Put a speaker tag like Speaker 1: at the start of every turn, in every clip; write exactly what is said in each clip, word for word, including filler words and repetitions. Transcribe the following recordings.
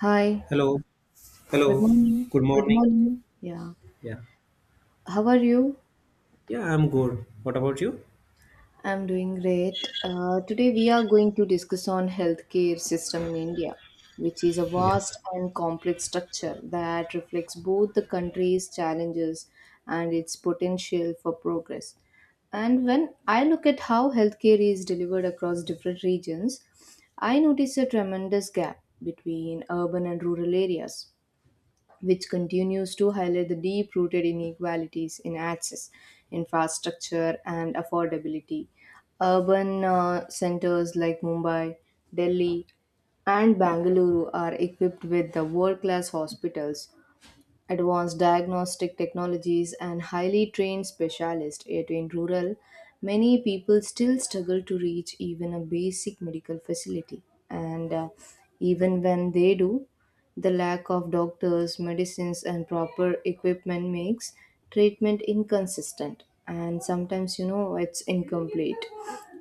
Speaker 1: Hi,
Speaker 2: Hello,
Speaker 1: good
Speaker 2: hello.
Speaker 1: morning.
Speaker 2: Good
Speaker 1: Good
Speaker 2: morning.
Speaker 1: morning. Yeah.
Speaker 2: Yeah,
Speaker 1: How are you?
Speaker 2: yeah, I'm good. What about you?
Speaker 1: I'm doing great. Uh, today we are going to discuss on healthcare system in India, which is a
Speaker 2: Yeah,
Speaker 1: vast and complex structure that reflects both the country's challenges and its potential for progress. And when I look at how healthcare is delivered across different regions, I notice a tremendous gap between urban and rural areas, which continues to highlight the deep rooted inequalities in access, infrastructure, and affordability. Urban uh, centers like Mumbai, Delhi, and Bangalore are equipped with the world class hospitals, advanced diagnostic technologies, and highly trained specialists. Yet in rural, many people still struggle to reach even a basic medical facility. And uh, even when they do, the lack of doctors, medicines, and proper equipment makes treatment inconsistent and sometimes, you know, it's incomplete.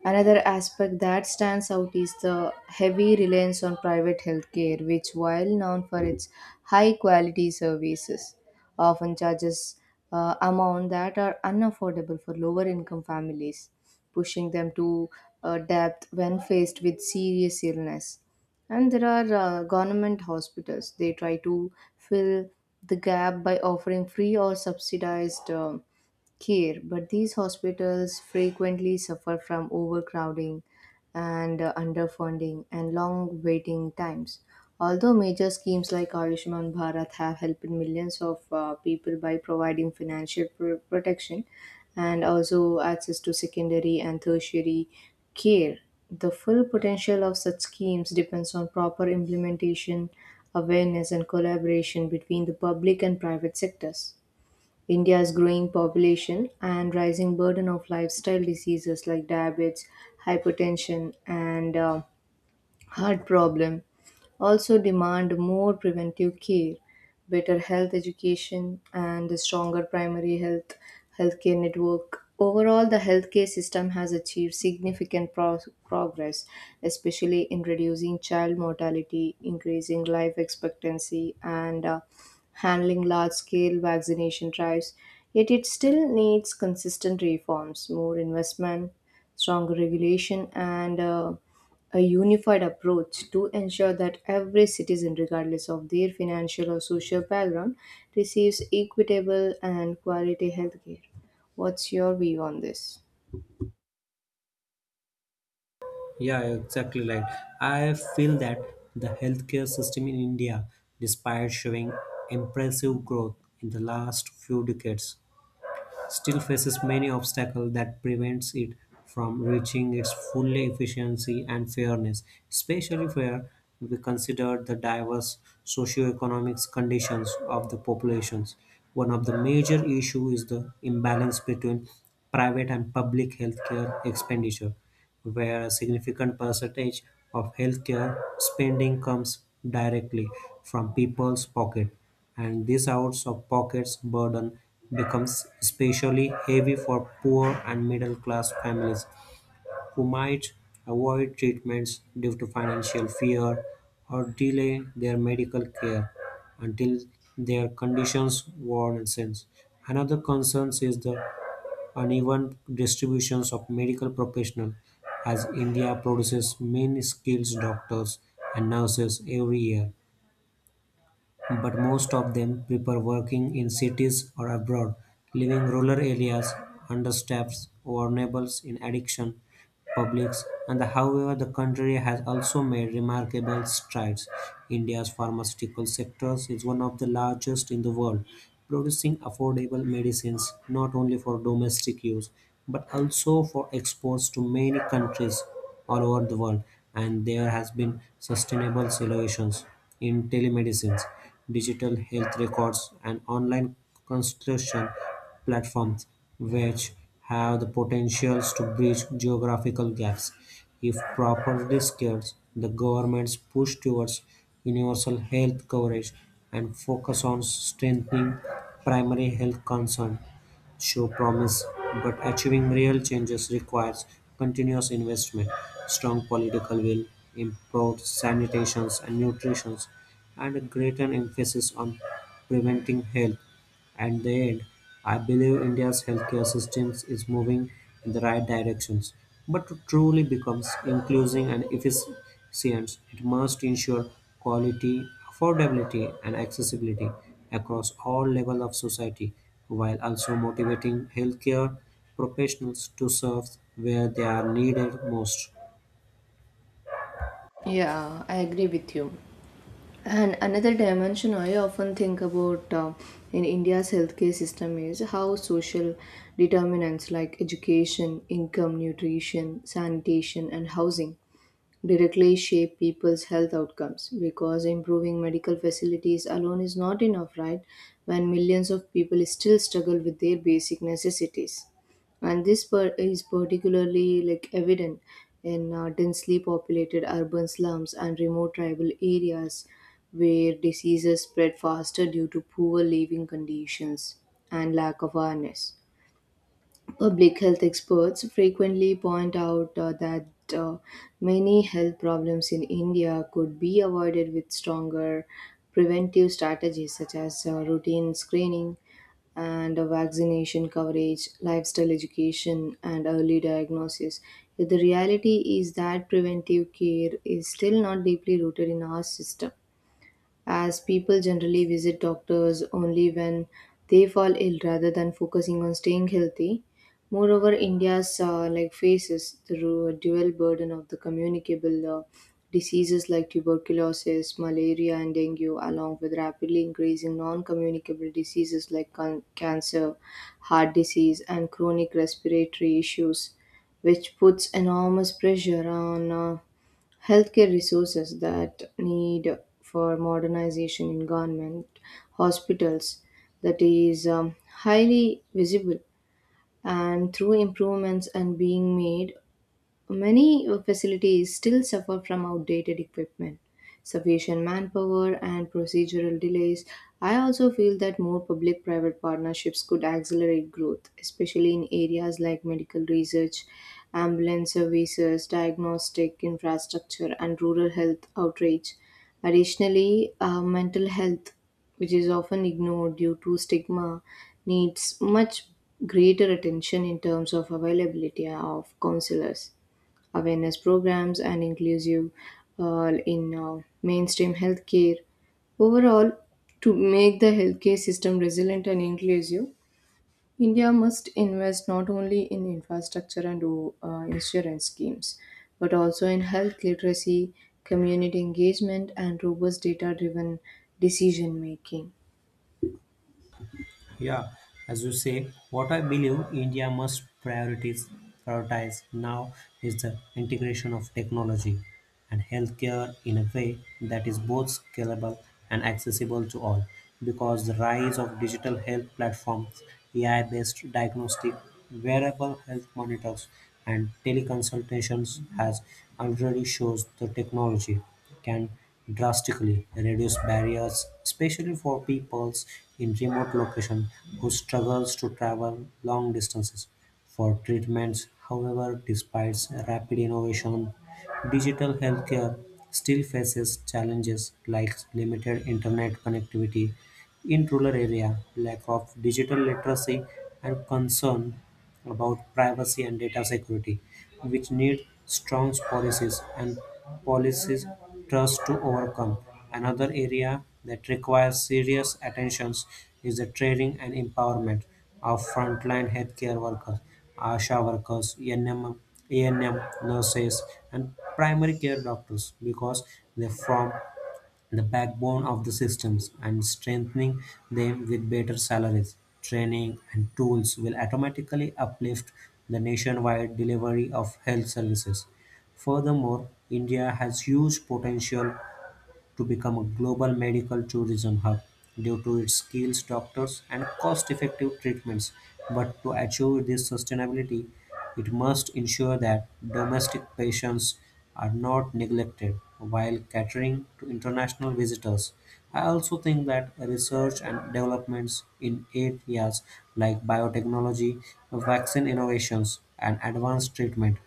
Speaker 1: Another aspect that stands out is the heavy reliance on private healthcare, which, while known for its high quality services, often charges uh, amount that are unaffordable for lower income families, pushing them to uh, depth when faced with serious illness. And there are uh, government hospitals. They try to fill the gap by offering free or subsidized um care. But these hospitals frequently suffer from overcrowding and uh, underfunding and long waiting times. Although major schemes like Ayushman Bharat have helped millions of uh, people by providing financial pr- protection and also access to secondary and tertiary care. The full potential of such schemes depends on proper implementation, awareness, and collaboration between the public and private sectors. India's growing population and rising burden of lifestyle diseases like diabetes, hypertension, and uh, heart problem also demand more preventive care, better health education, and a stronger primary health healthcare network. Overall, the healthcare system has achieved significant pro- progress, especially in reducing child mortality, increasing life expectancy, and uh, handling large scale vaccination drives. Yet, it still needs consistent reforms, more investment, stronger regulation, and uh, a unified approach to ensure that every citizen, regardless of their financial or social background, receives equitable and quality healthcare. What's your view on this?
Speaker 2: yeah, exactly right. I feel that the healthcare system in India, despite showing impressive growth in the last few decades, still faces many obstacles that prevents it from reaching its full efficiency and fairness, especially where we consider the diverse socioeconomic conditions of the populations. One of the major issues is the imbalance between private and public healthcare expenditure, where a significant percentage of healthcare spending comes directly from people's pocket and these out of pockets burden becomes especially heavy for poor and middle-class families who might avoid treatments due to financial fear or delay their medical care until their conditions worsens. Another concern is the uneven distributions of medical professionals as India produces many skilled doctors and nurses every year but most of them prefer working in cities or abroad, leaving rural areas understaffed, vulnerable in addiction, publics, and however the country has also made remarkable strides. India's pharmaceutical sector is one of the largest in the world, producing affordable medicines not only for domestic use but also for exports to many countries all over the world and there has been sustainable solutions in telemedicines digital health records, and online consultation platforms, which have the potentials to bridge geographical gaps. If properly scaled, the government's push towards universal health coverage and focus on strengthening primary health concern show promise, but achieving real changes requires continuous investment, strong political will, improved sanitation and nutrition, and a greater emphasis on preventing health. At the end, I believe India's healthcare system is moving in the right directions. But to truly become inclusive and efficient, science, it must ensure quality, affordability, and accessibility across all levels of society, while also motivating healthcare professionals to serve where they are needed most.
Speaker 1: Yeah, I agree with you. And another dimension I often think about uh, in India's healthcare system is how social determinants like education, income, nutrition, sanitation, and housing directly shape people's health outcomes because improving medical facilities alone is not enough, right? When millions of people still struggle with their basic necessities. And this per- is particularly like evident in uh, densely populated urban slums and remote tribal areas where diseases spread faster due to poor living conditions and lack of awareness. Public health experts frequently point out uh, that uh, many health problems in India could be avoided with stronger preventive strategies such as uh, routine screening and uh, vaccination coverage, lifestyle education, and early diagnosis. Yet the reality is that preventive care is still not deeply rooted in our system as people generally visit doctors only when they fall ill rather than focusing on staying healthy. Moreover, India's uh, like faces the ru- dual burden of the communicable uh, diseases like tuberculosis, malaria, and dengue, along with rapidly increasing non-communicable diseases like con- cancer, heart disease, and chronic respiratory issues, which puts enormous pressure on. Uh, Healthcare resources that need for modernization in government hospitals that is um, highly visible and through improvements and being made. Many uh, facilities still suffer from outdated equipment, sufficient manpower, and procedural delays. I also feel that more public private partnerships could accelerate growth, especially in areas like medical research, ambulance services, diagnostic infrastructure, and rural health outreach. Additionally, uh, mental health, which is often ignored due to stigma, needs much greater attention in terms of availability of counselors awareness programs, and inclusive uh, in uh, mainstream healthcare. Overall, to make the healthcare system resilient and inclusive, India must invest not only in infrastructure and uh, insurance schemes, but also in health literacy, community engagement, and robust data driven decision making.
Speaker 2: Yeah, as you say, what I believe India must priorities prioritize now is the integration of technology and healthcare in a way that is both scalable and accessible to all. Because the rise of digital health platforms, A I-based diagnostic, wearable health monitors, and teleconsultations has already shows the technology can drastically reduce barriers, especially for peoples in remote locations who struggles to travel long distances for treatments. However, despite rapid innovation, digital healthcare still faces challenges like limited internet connectivity in rural area, lack of digital literacy, and concern about privacy and data security, which need strong policies and policies trust to overcome. Another area that requires serious attention is the training and empowerment of frontline healthcare workers, ASHA workers, A. N. M. A. N. M. nurses, and primary care doctors because they form the backbone of the systems, and strengthening them with better salaries, training, and tools will automatically uplift the nationwide delivery of health services. Furthermore, India has huge potential to become a global medical tourism hub due to its skills, doctors, and cost effective treatments. But to achieve this sustainability, it must ensure that domestic patients are not neglected while catering to international visitors. I also think that research and developments in areas like biotechnology, vaccine innovations, and advanced treatment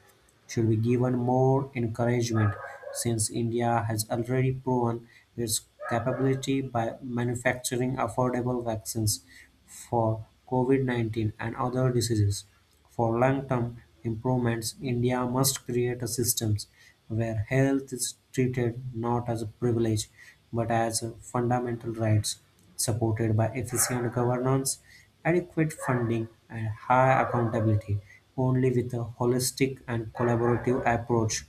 Speaker 2: should be given more encouragement, since India has already proven its capability by manufacturing affordable vaccines for COVID nineteen and other diseases. For long term improvements, India must create a system where health is treated not as a privilege but as a fundamental rights supported by efficient governance, adequate funding and high accountability. Only with a holistic and collaborative approach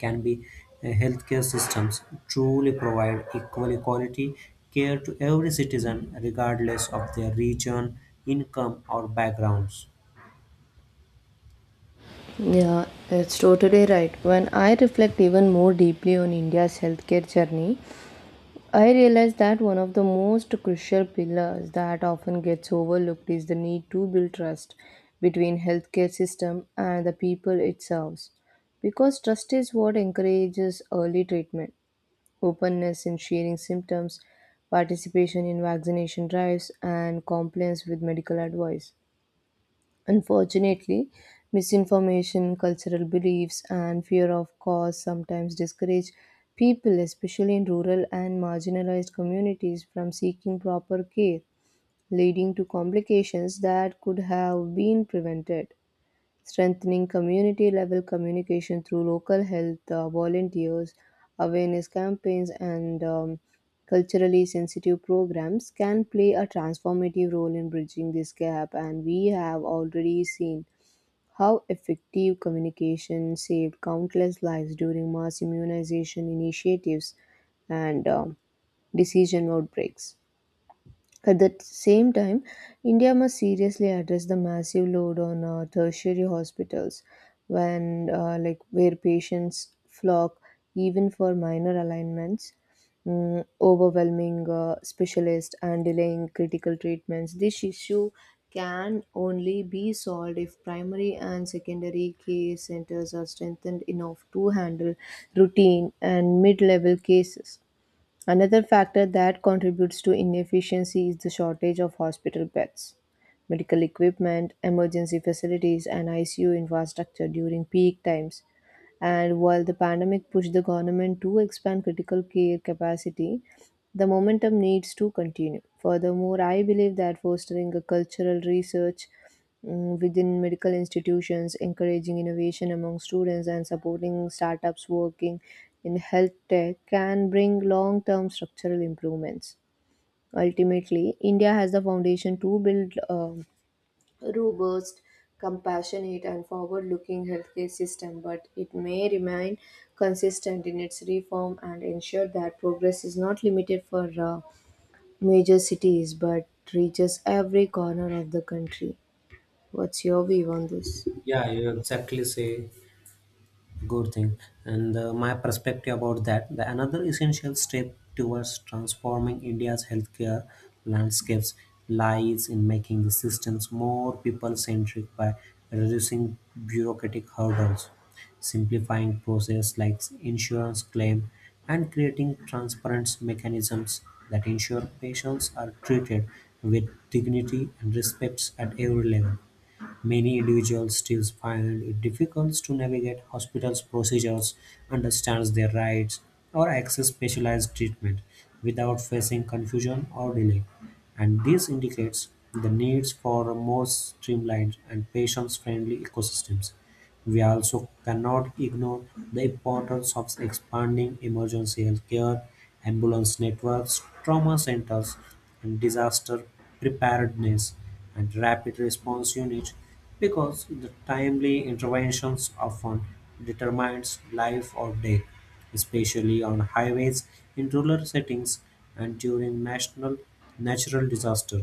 Speaker 2: can be uh, healthcare systems truly provide equal quality care to every citizen regardless of their region, income or backgrounds.
Speaker 1: Yeah, it's totally right. When I reflect even more deeply on India's healthcare journey, I realized that one of the most crucial pillars that often gets overlooked is the need to build trust between healthcare system and the people it serves. Because trust is what encourages early treatment, openness in sharing symptoms, participation in vaccination drives, and compliance with medical advice. Unfortunately, misinformation, cultural beliefs, and fear of cause sometimes discourage people, especially in rural and marginalized communities, from seeking proper care, leading to complications that could have been prevented. Strengthening community level communication through local health uh, volunteers, awareness campaigns, and um, culturally sensitive programs can play a transformative role in bridging this gap, and we have already seen how effective communication saved countless lives during mass immunization initiatives and um, decision outbreaks. At the same time, India must seriously address the massive load on uh, tertiary hospitals, when uh, like where patients flock even for minor alignments, mm, overwhelming uh, specialists and delaying critical treatments. This issue can only be solved if primary and secondary care centers are strengthened enough to handle routine and mid-level cases. Another factor that contributes to inefficiency is the shortage of hospital beds, medical equipment, emergency facilities, and I C U infrastructure during peak times. And while the pandemic pushed the government to expand critical care capacity, the momentum needs to continue. Furthermore, I believe that fostering a cultural research mm, within medical institutions, encouraging innovation among students, and supporting startups working in health tech can bring long term structural improvements. Ultimately, India has the foundation to build um, robust, compassionate, and forward looking healthcare system, but it may remain consistent in its reform and ensure that progress is not limited for uh, major cities but reaches every corner of the country. What's your view on this?
Speaker 2: Yeah, you exactly say good thing and uh, my perspective about that the another essential step towards transforming India's healthcare landscapes lies in making the systems more people centric by reducing bureaucratic hurdles simplifying processes like insurance claim and creating transparent mechanisms that ensure patients are treated with dignity and respect at every level. Many individuals still find it difficult to navigate hospitals' procedures, understand their rights, or access specialized treatment without facing confusion or delay. And this indicates the needs for a more streamlined and patient-friendly ecosystems. We also cannot ignore the importance of expanding emergency healthcare, ambulance networks, trauma centers, and disaster preparedness and rapid response units because the timely interventions often determines life or death, especially on highways in rural settings and during national natural disaster.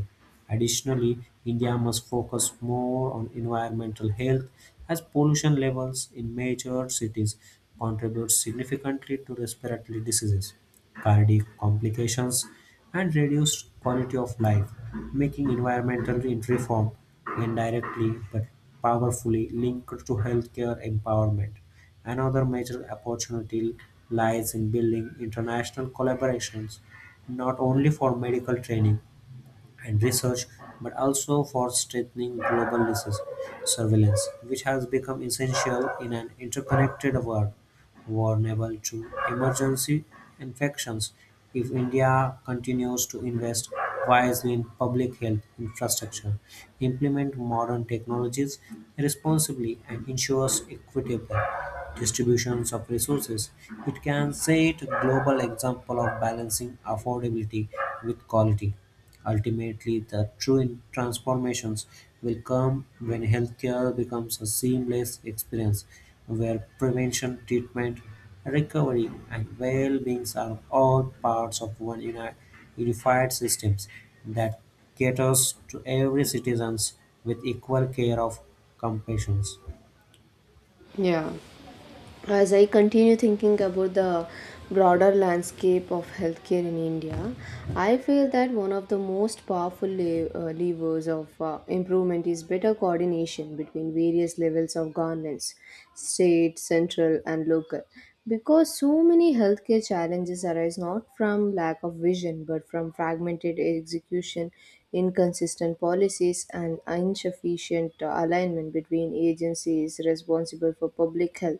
Speaker 2: Additionally, India must focus more on environmental health as pollution levels in major cities contribute significantly to respiratory diseases, cardiac complications, and reduced quality of life, making environmental reform indirectly but powerfully linked to healthcare empowerment. Another major opportunity lies in building international collaborations not only for medical training and research, but also for strengthening global disease surveillance, which has become essential in an interconnected world vulnerable to emergency infections if India continues to invest wisely in public health infrastructure, implement modern technologies responsibly, and ensures equitable distributions of resources. It can set a global example of balancing affordability with quality. Ultimately, the true in- transformations will come when healthcare becomes a seamless experience where prevention, treatment, recovery, and well being are all parts of one uni- unified system that caters to every citizen with equal care of compassion.
Speaker 1: Yeah, as I continue thinking about the broader landscape of healthcare in India, I feel that one of the most powerful le- uh, levers of uh, improvement is better coordination between various levels of governance, state, central, and local. Because so many healthcare challenges arise not from lack of vision but from fragmented execution, inconsistent policies, and insufficient uh, alignment between agencies responsible for public health.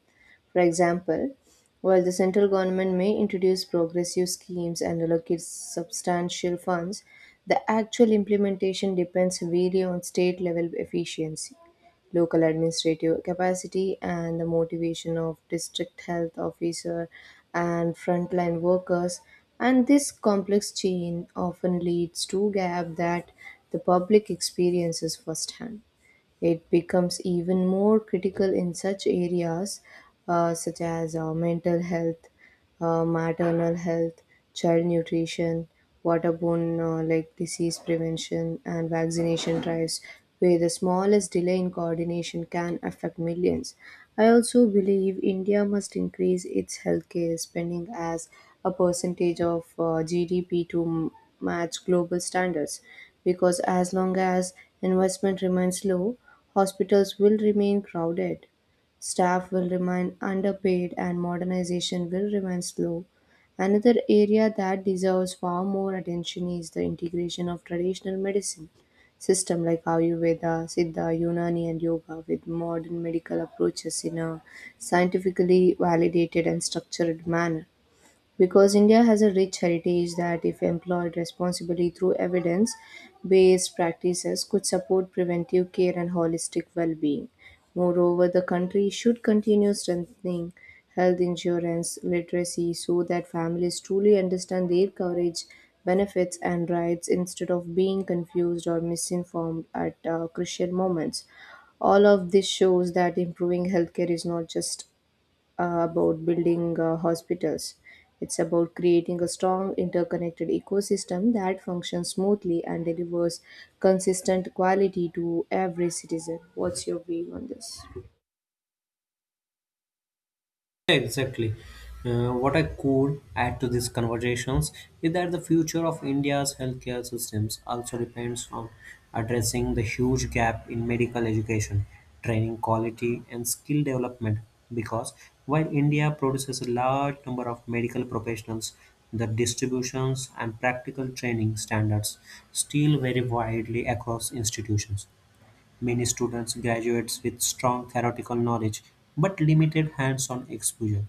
Speaker 1: For example, while the central government may introduce progressive schemes and allocate substantial funds, the actual implementation depends heavily on state level efficiency, local administrative capacity, and the motivation of district health officer and frontline workers. And this complex chain often leads to gap that the public experiences firsthand. It becomes even more critical in such areas uh, such as uh, mental health, uh, maternal health, child nutrition, waterborne uh, like disease prevention, and vaccination drives, where the smallest delay in coordination can affect millions. I also believe India must increase its healthcare spending as a percentage of uh, G D P to m- match global standards because as long as investment remains low, hospitals will remain crowded. Staff will remain underpaid and modernization will remain slow. Another area that deserves far more attention is the integration of traditional medicine system like Ayurveda, Siddha, Unani and yoga with modern medical approaches in a scientifically validated and structured manner. Because India has a rich heritage that, if employed responsibly through evidence based practices, could support preventive care and holistic well being. Moreover, the country should continue strengthening health insurance literacy so that families truly understand their coverage, benefits, and rights instead of being confused or misinformed at uh, crucial moments. All of this shows that improving healthcare is not just uh, about building uh, hospitals. It's about creating a strong interconnected ecosystem that functions smoothly and delivers consistent quality to every citizen. What's your view on this?
Speaker 2: Exactly. Uh, what I could add to these conversations is that the future of India's healthcare systems also depends on addressing the huge gap in medical education, training quality, and skill development. Because while India produces a large number of medical professionals, the distributions and practical training standards still vary widely across institutions. Many students graduates with strong theoretical knowledge but limited hands-on exposure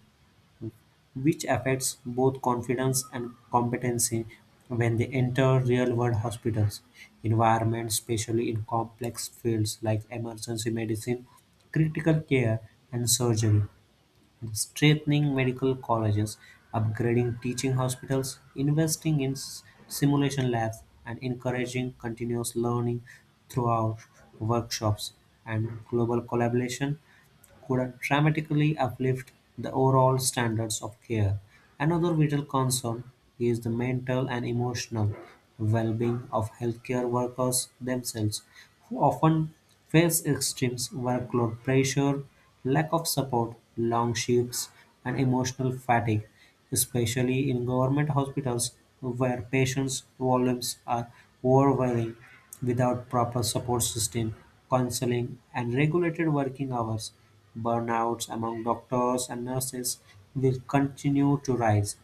Speaker 2: which affects both confidence and competency when they enter real-world hospitals environments, especially in complex fields like emergency medicine, critical care, and surgery. Strengthening medical colleges, upgrading teaching hospitals, investing in s- simulation labs, and encouraging continuous learning throughout workshops and global collaboration could dramatically uplift the overall standards of care. Another vital concern is the mental and emotional well being of healthcare workers themselves, who often face extreme workload pressure, lack of support, long shifts, and emotional fatigue, especially in government hospitals where patients' volumes are overwhelming without proper support system, counseling, and regulated working hours. Burnouts among doctors and nurses will continue to rise.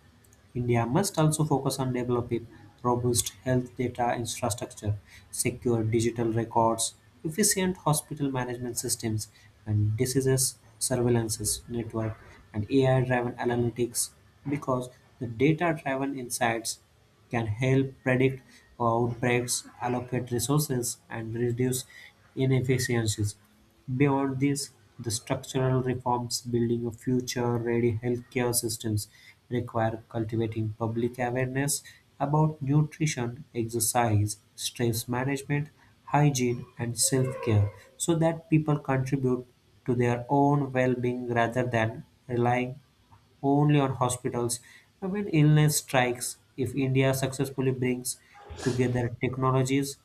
Speaker 2: India must also focus on developing robust health data infrastructure, secure digital records, efficient hospital management systems, and diseases surveillances network and A I driven analytics because the data driven insights can help predict outbreaks, allocate resources, and reduce inefficiencies. Beyond this, the structural reforms building a future-ready healthcare systems require cultivating public awareness about nutrition, exercise, stress management, hygiene, and self-care so that people contribute to their own well-being rather than relying only on hospitals. But when illness strikes, if India successfully brings together technologies,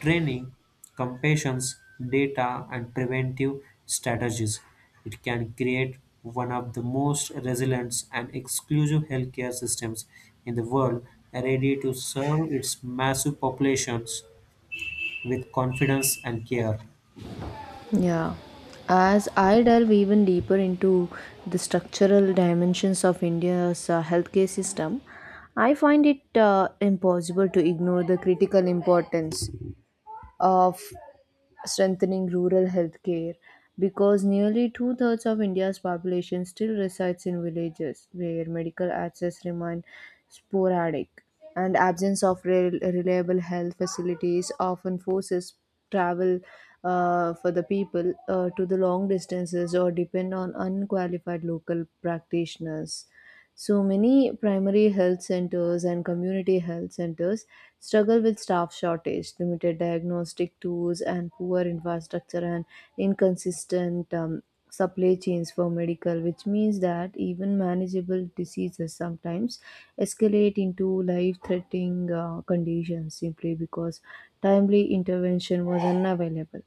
Speaker 2: training, compassion, data, and preventive strategies, it can create one of the most resilient and exclusive healthcare systems in the world, ready to serve its massive populations with confidence and care.
Speaker 1: Yeah. As I delve even deeper into the structural dimensions of India's uh, healthcare system, I find it uh, impossible to ignore the critical importance of strengthening rural healthcare because nearly two thirds of India's population still resides in villages where medical access remains sporadic, and absence of rel- reliable health facilities often forces travel uh, for the people uh, to the long distances or depend on unqualified local practitioners. So many primary health centers and community health centers struggle with staff shortage, limited diagnostic tools, and poor infrastructure and inconsistent um, supply chains for medical, which means that even manageable diseases sometimes escalate into life threatening uh, conditions simply because timely intervention was unavailable.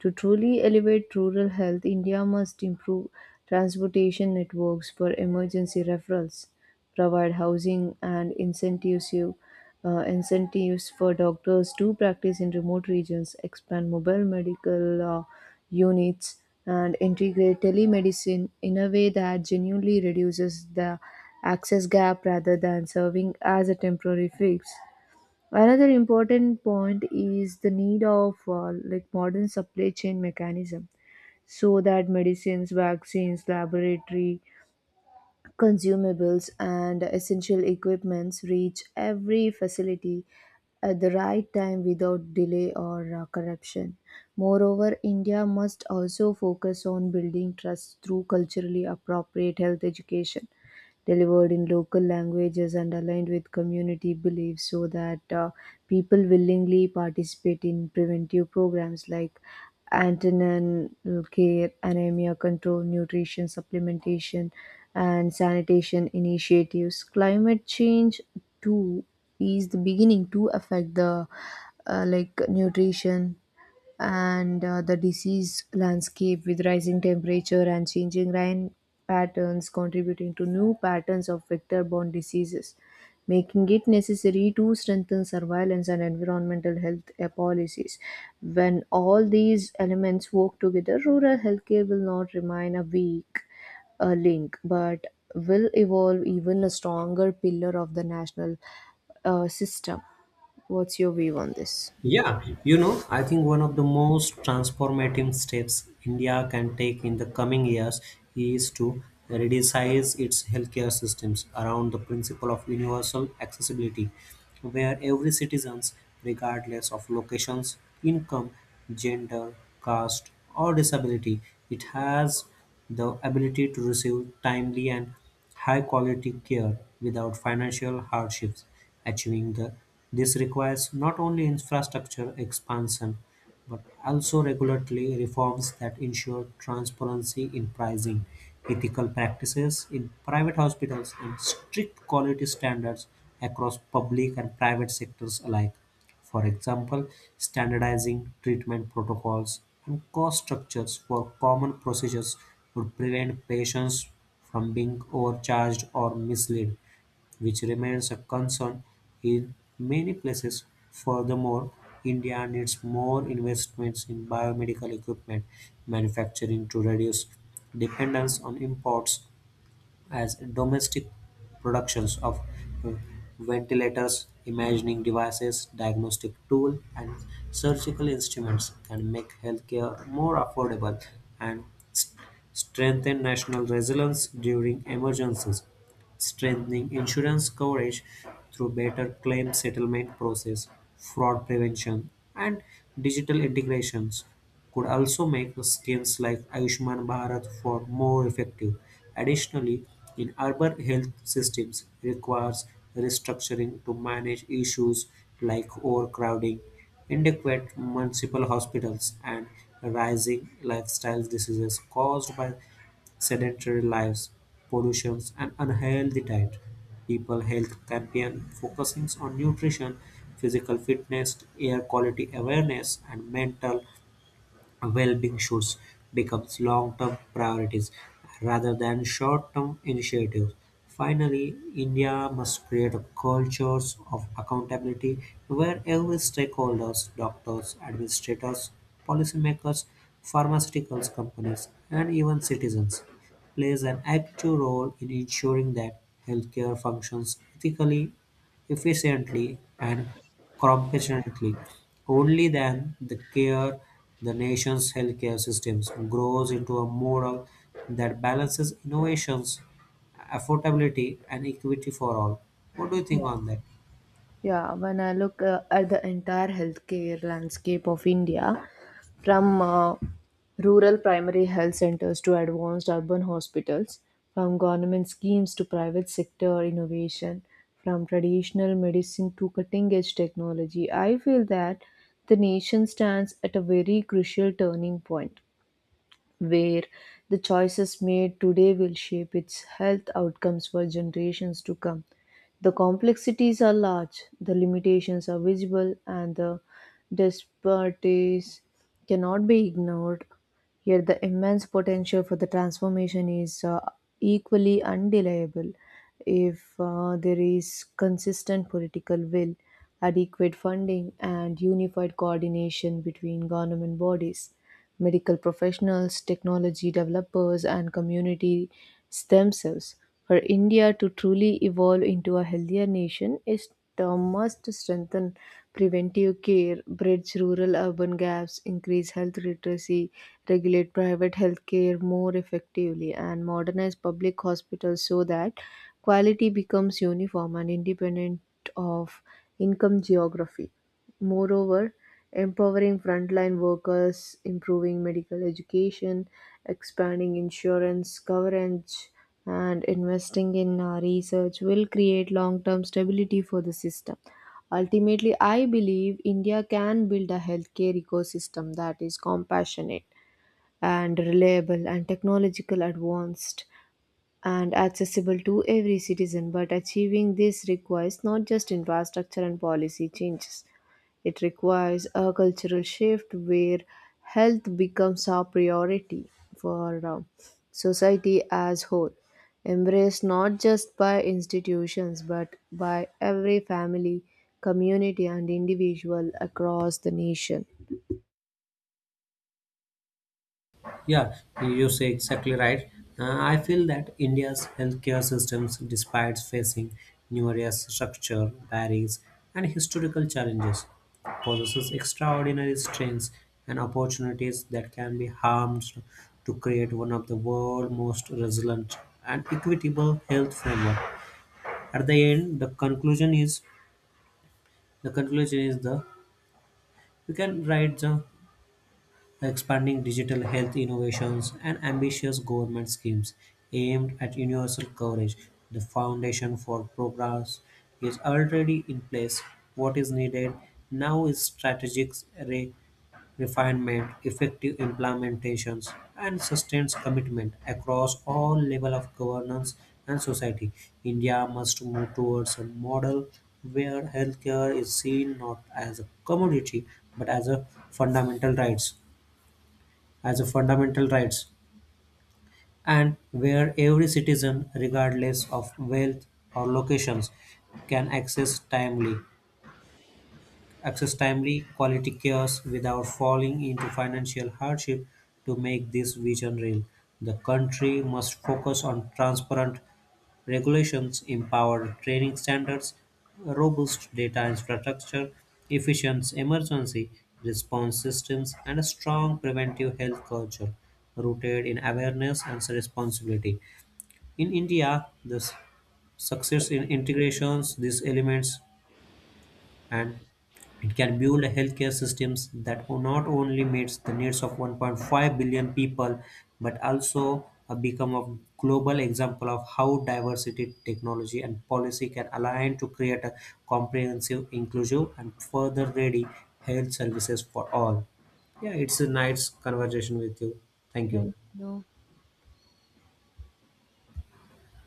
Speaker 1: To truly elevate rural health, India must improve transportation networks for emergency referrals, provide housing and incentives, you- uh, incentives for doctors to practice in remote regions, expand mobile medical uh, units, and integrate telemedicine in a way that genuinely reduces the access gap rather than serving as a temporary fix. Another important point is the need of uh, like modern supply chain mechanism so that medicines, vaccines, laboratory consumables and essential equipments reach every facility at the right time without delay or uh, corruption. Moreover, India must also focus on building trust through culturally appropriate health education delivered in local languages and aligned with community beliefs so that uh, people willingly participate in preventive programs like antenatal care, anemia control, nutrition supplementation, and sanitation initiatives. Climate change too is the beginning to affect the uh, like nutrition and uh, the disease landscape with rising temperature and changing rain patterns contributing to new patterns of vector-borne diseases, making it necessary to strengthen surveillance and environmental health uh, policies. When all these elements work together, rural healthcare will not remain a weak uh, link, but will evolve even a stronger pillar of the national uh, system. What's your view on this?
Speaker 2: Yeah, you know, I think one of the most transformative steps India can take in the coming years is to redesign its healthcare systems around the principle of universal accessibility, where every citizen, regardless of locations, income, gender, caste, or disability, it has the ability to receive timely and high-quality care without financial hardships. Achieving the, this requires not only infrastructure expansion but also regulatory reforms that ensure transparency in pricing, ethical practices in private hospitals, and strict quality standards across public and private sectors alike. For example, standardizing treatment protocols and cost structures for common procedures would prevent patients from being overcharged or misled, which remains a concern in many places. Furthermore, India needs more investments in biomedical equipment manufacturing to reduce dependence on imports as domestic productions of uh, ventilators, imaging devices, diagnostic tools, and surgical instruments can make healthcare more affordable and s- strengthen national resilience during emergencies strengthening insurance coverage through better claim settlement process, fraud prevention, and digital integrations could also make the schemes like Ayushman Bharat for more effective. Additionally, in urban health systems requires restructuring to manage issues like overcrowding, inadequate municipal hospitals, and rising lifestyle diseases caused by sedentary lives, pollution, and unhealthy diet. People health campaign focusing on nutrition, physical fitness, air quality awareness, and mental well-being should become long-term priorities rather than short-term initiatives. Finally, India must create a culture of accountability where every stakeholders, doctors, administrators, policymakers, pharmaceuticals companies, and even citizens plays an active role in ensuring that healthcare functions ethically, efficiently, and competently. Only then the care the nation's healthcare systems grows into a model that balances innovations, affordability, and equity for all. What do you think on that?
Speaker 1: Yeah, when I look uh, at the entire healthcare landscape of India, from uh, rural primary health centers to advanced urban hospitals, from government schemes to private sector innovation, from traditional medicine to cutting edge technology, I feel that the nation stands at a very crucial turning point where the choices made today will shape its health outcomes for generations to come. The complexities are large, the limitations are visible, and the disparities cannot be ignored. Yet, the immense potential for the transformation is uh, equally undeniable if uh, there is consistent political will, adequate funding, and unified coordination between government bodies medical professionals, technology developers, and communities themselves. For India to truly evolve into a healthier nation, it uh, must strengthen preventive care, bridge rural urban gaps, increase health literacy, regulate private health care more effectively, and modernize public hospitals so that quality becomes uniform and independent of income geography. Moreover, empowering frontline workers, improving medical education, expanding insurance coverage, and investing in uh, research will create long term stability for the system. Ultimately, I believe India can build a healthcare ecosystem that is compassionate and reliable and technological advanced and accessible to every citizen. But achieving this requires not just infrastructure and policy changes it requires a cultural shift where health becomes a priority for uh, society as whole, embraced not just by institutions but by every family, community, and individual across the nation.
Speaker 2: Yeah, you say exactly right. Uh, I feel that India's healthcare systems, despite facing numerous structure barriers and historical challenges, possesses extraordinary strengths and opportunities that can be harnessed to create one of the world's most resilient and equitable health framework. At the end, the conclusion is the conclusion is the we can write the expanding digital health innovations, and ambitious government schemes aimed at universal coverage. The foundation for progress is already in place. What is needed now is strategic re- refinement, effective implementations, and sustained commitment across all levels of governance and society. India must move towards a model where healthcare is seen not as a commodity but as a fundamental right as a fundamental rights and where every citizen regardless of wealth or locations can access timely access timely quality care without falling into financial hardship to make this vision real the country must focus on transparent regulations empower training standards, robust data infrastructure, efficient emergency response systems, and a strong preventive health culture rooted in awareness and responsibility. In India, the s- success in integrations, these elements, and it can build healthcare systems that not only meets the needs of one point five billion people, but also uh, become a global example of how diversity, technology, and policy can align to create a comprehensive, inclusive, and further ready health services for all. Yeah, it's a nice conversation with you. Thank you.
Speaker 1: Thank you.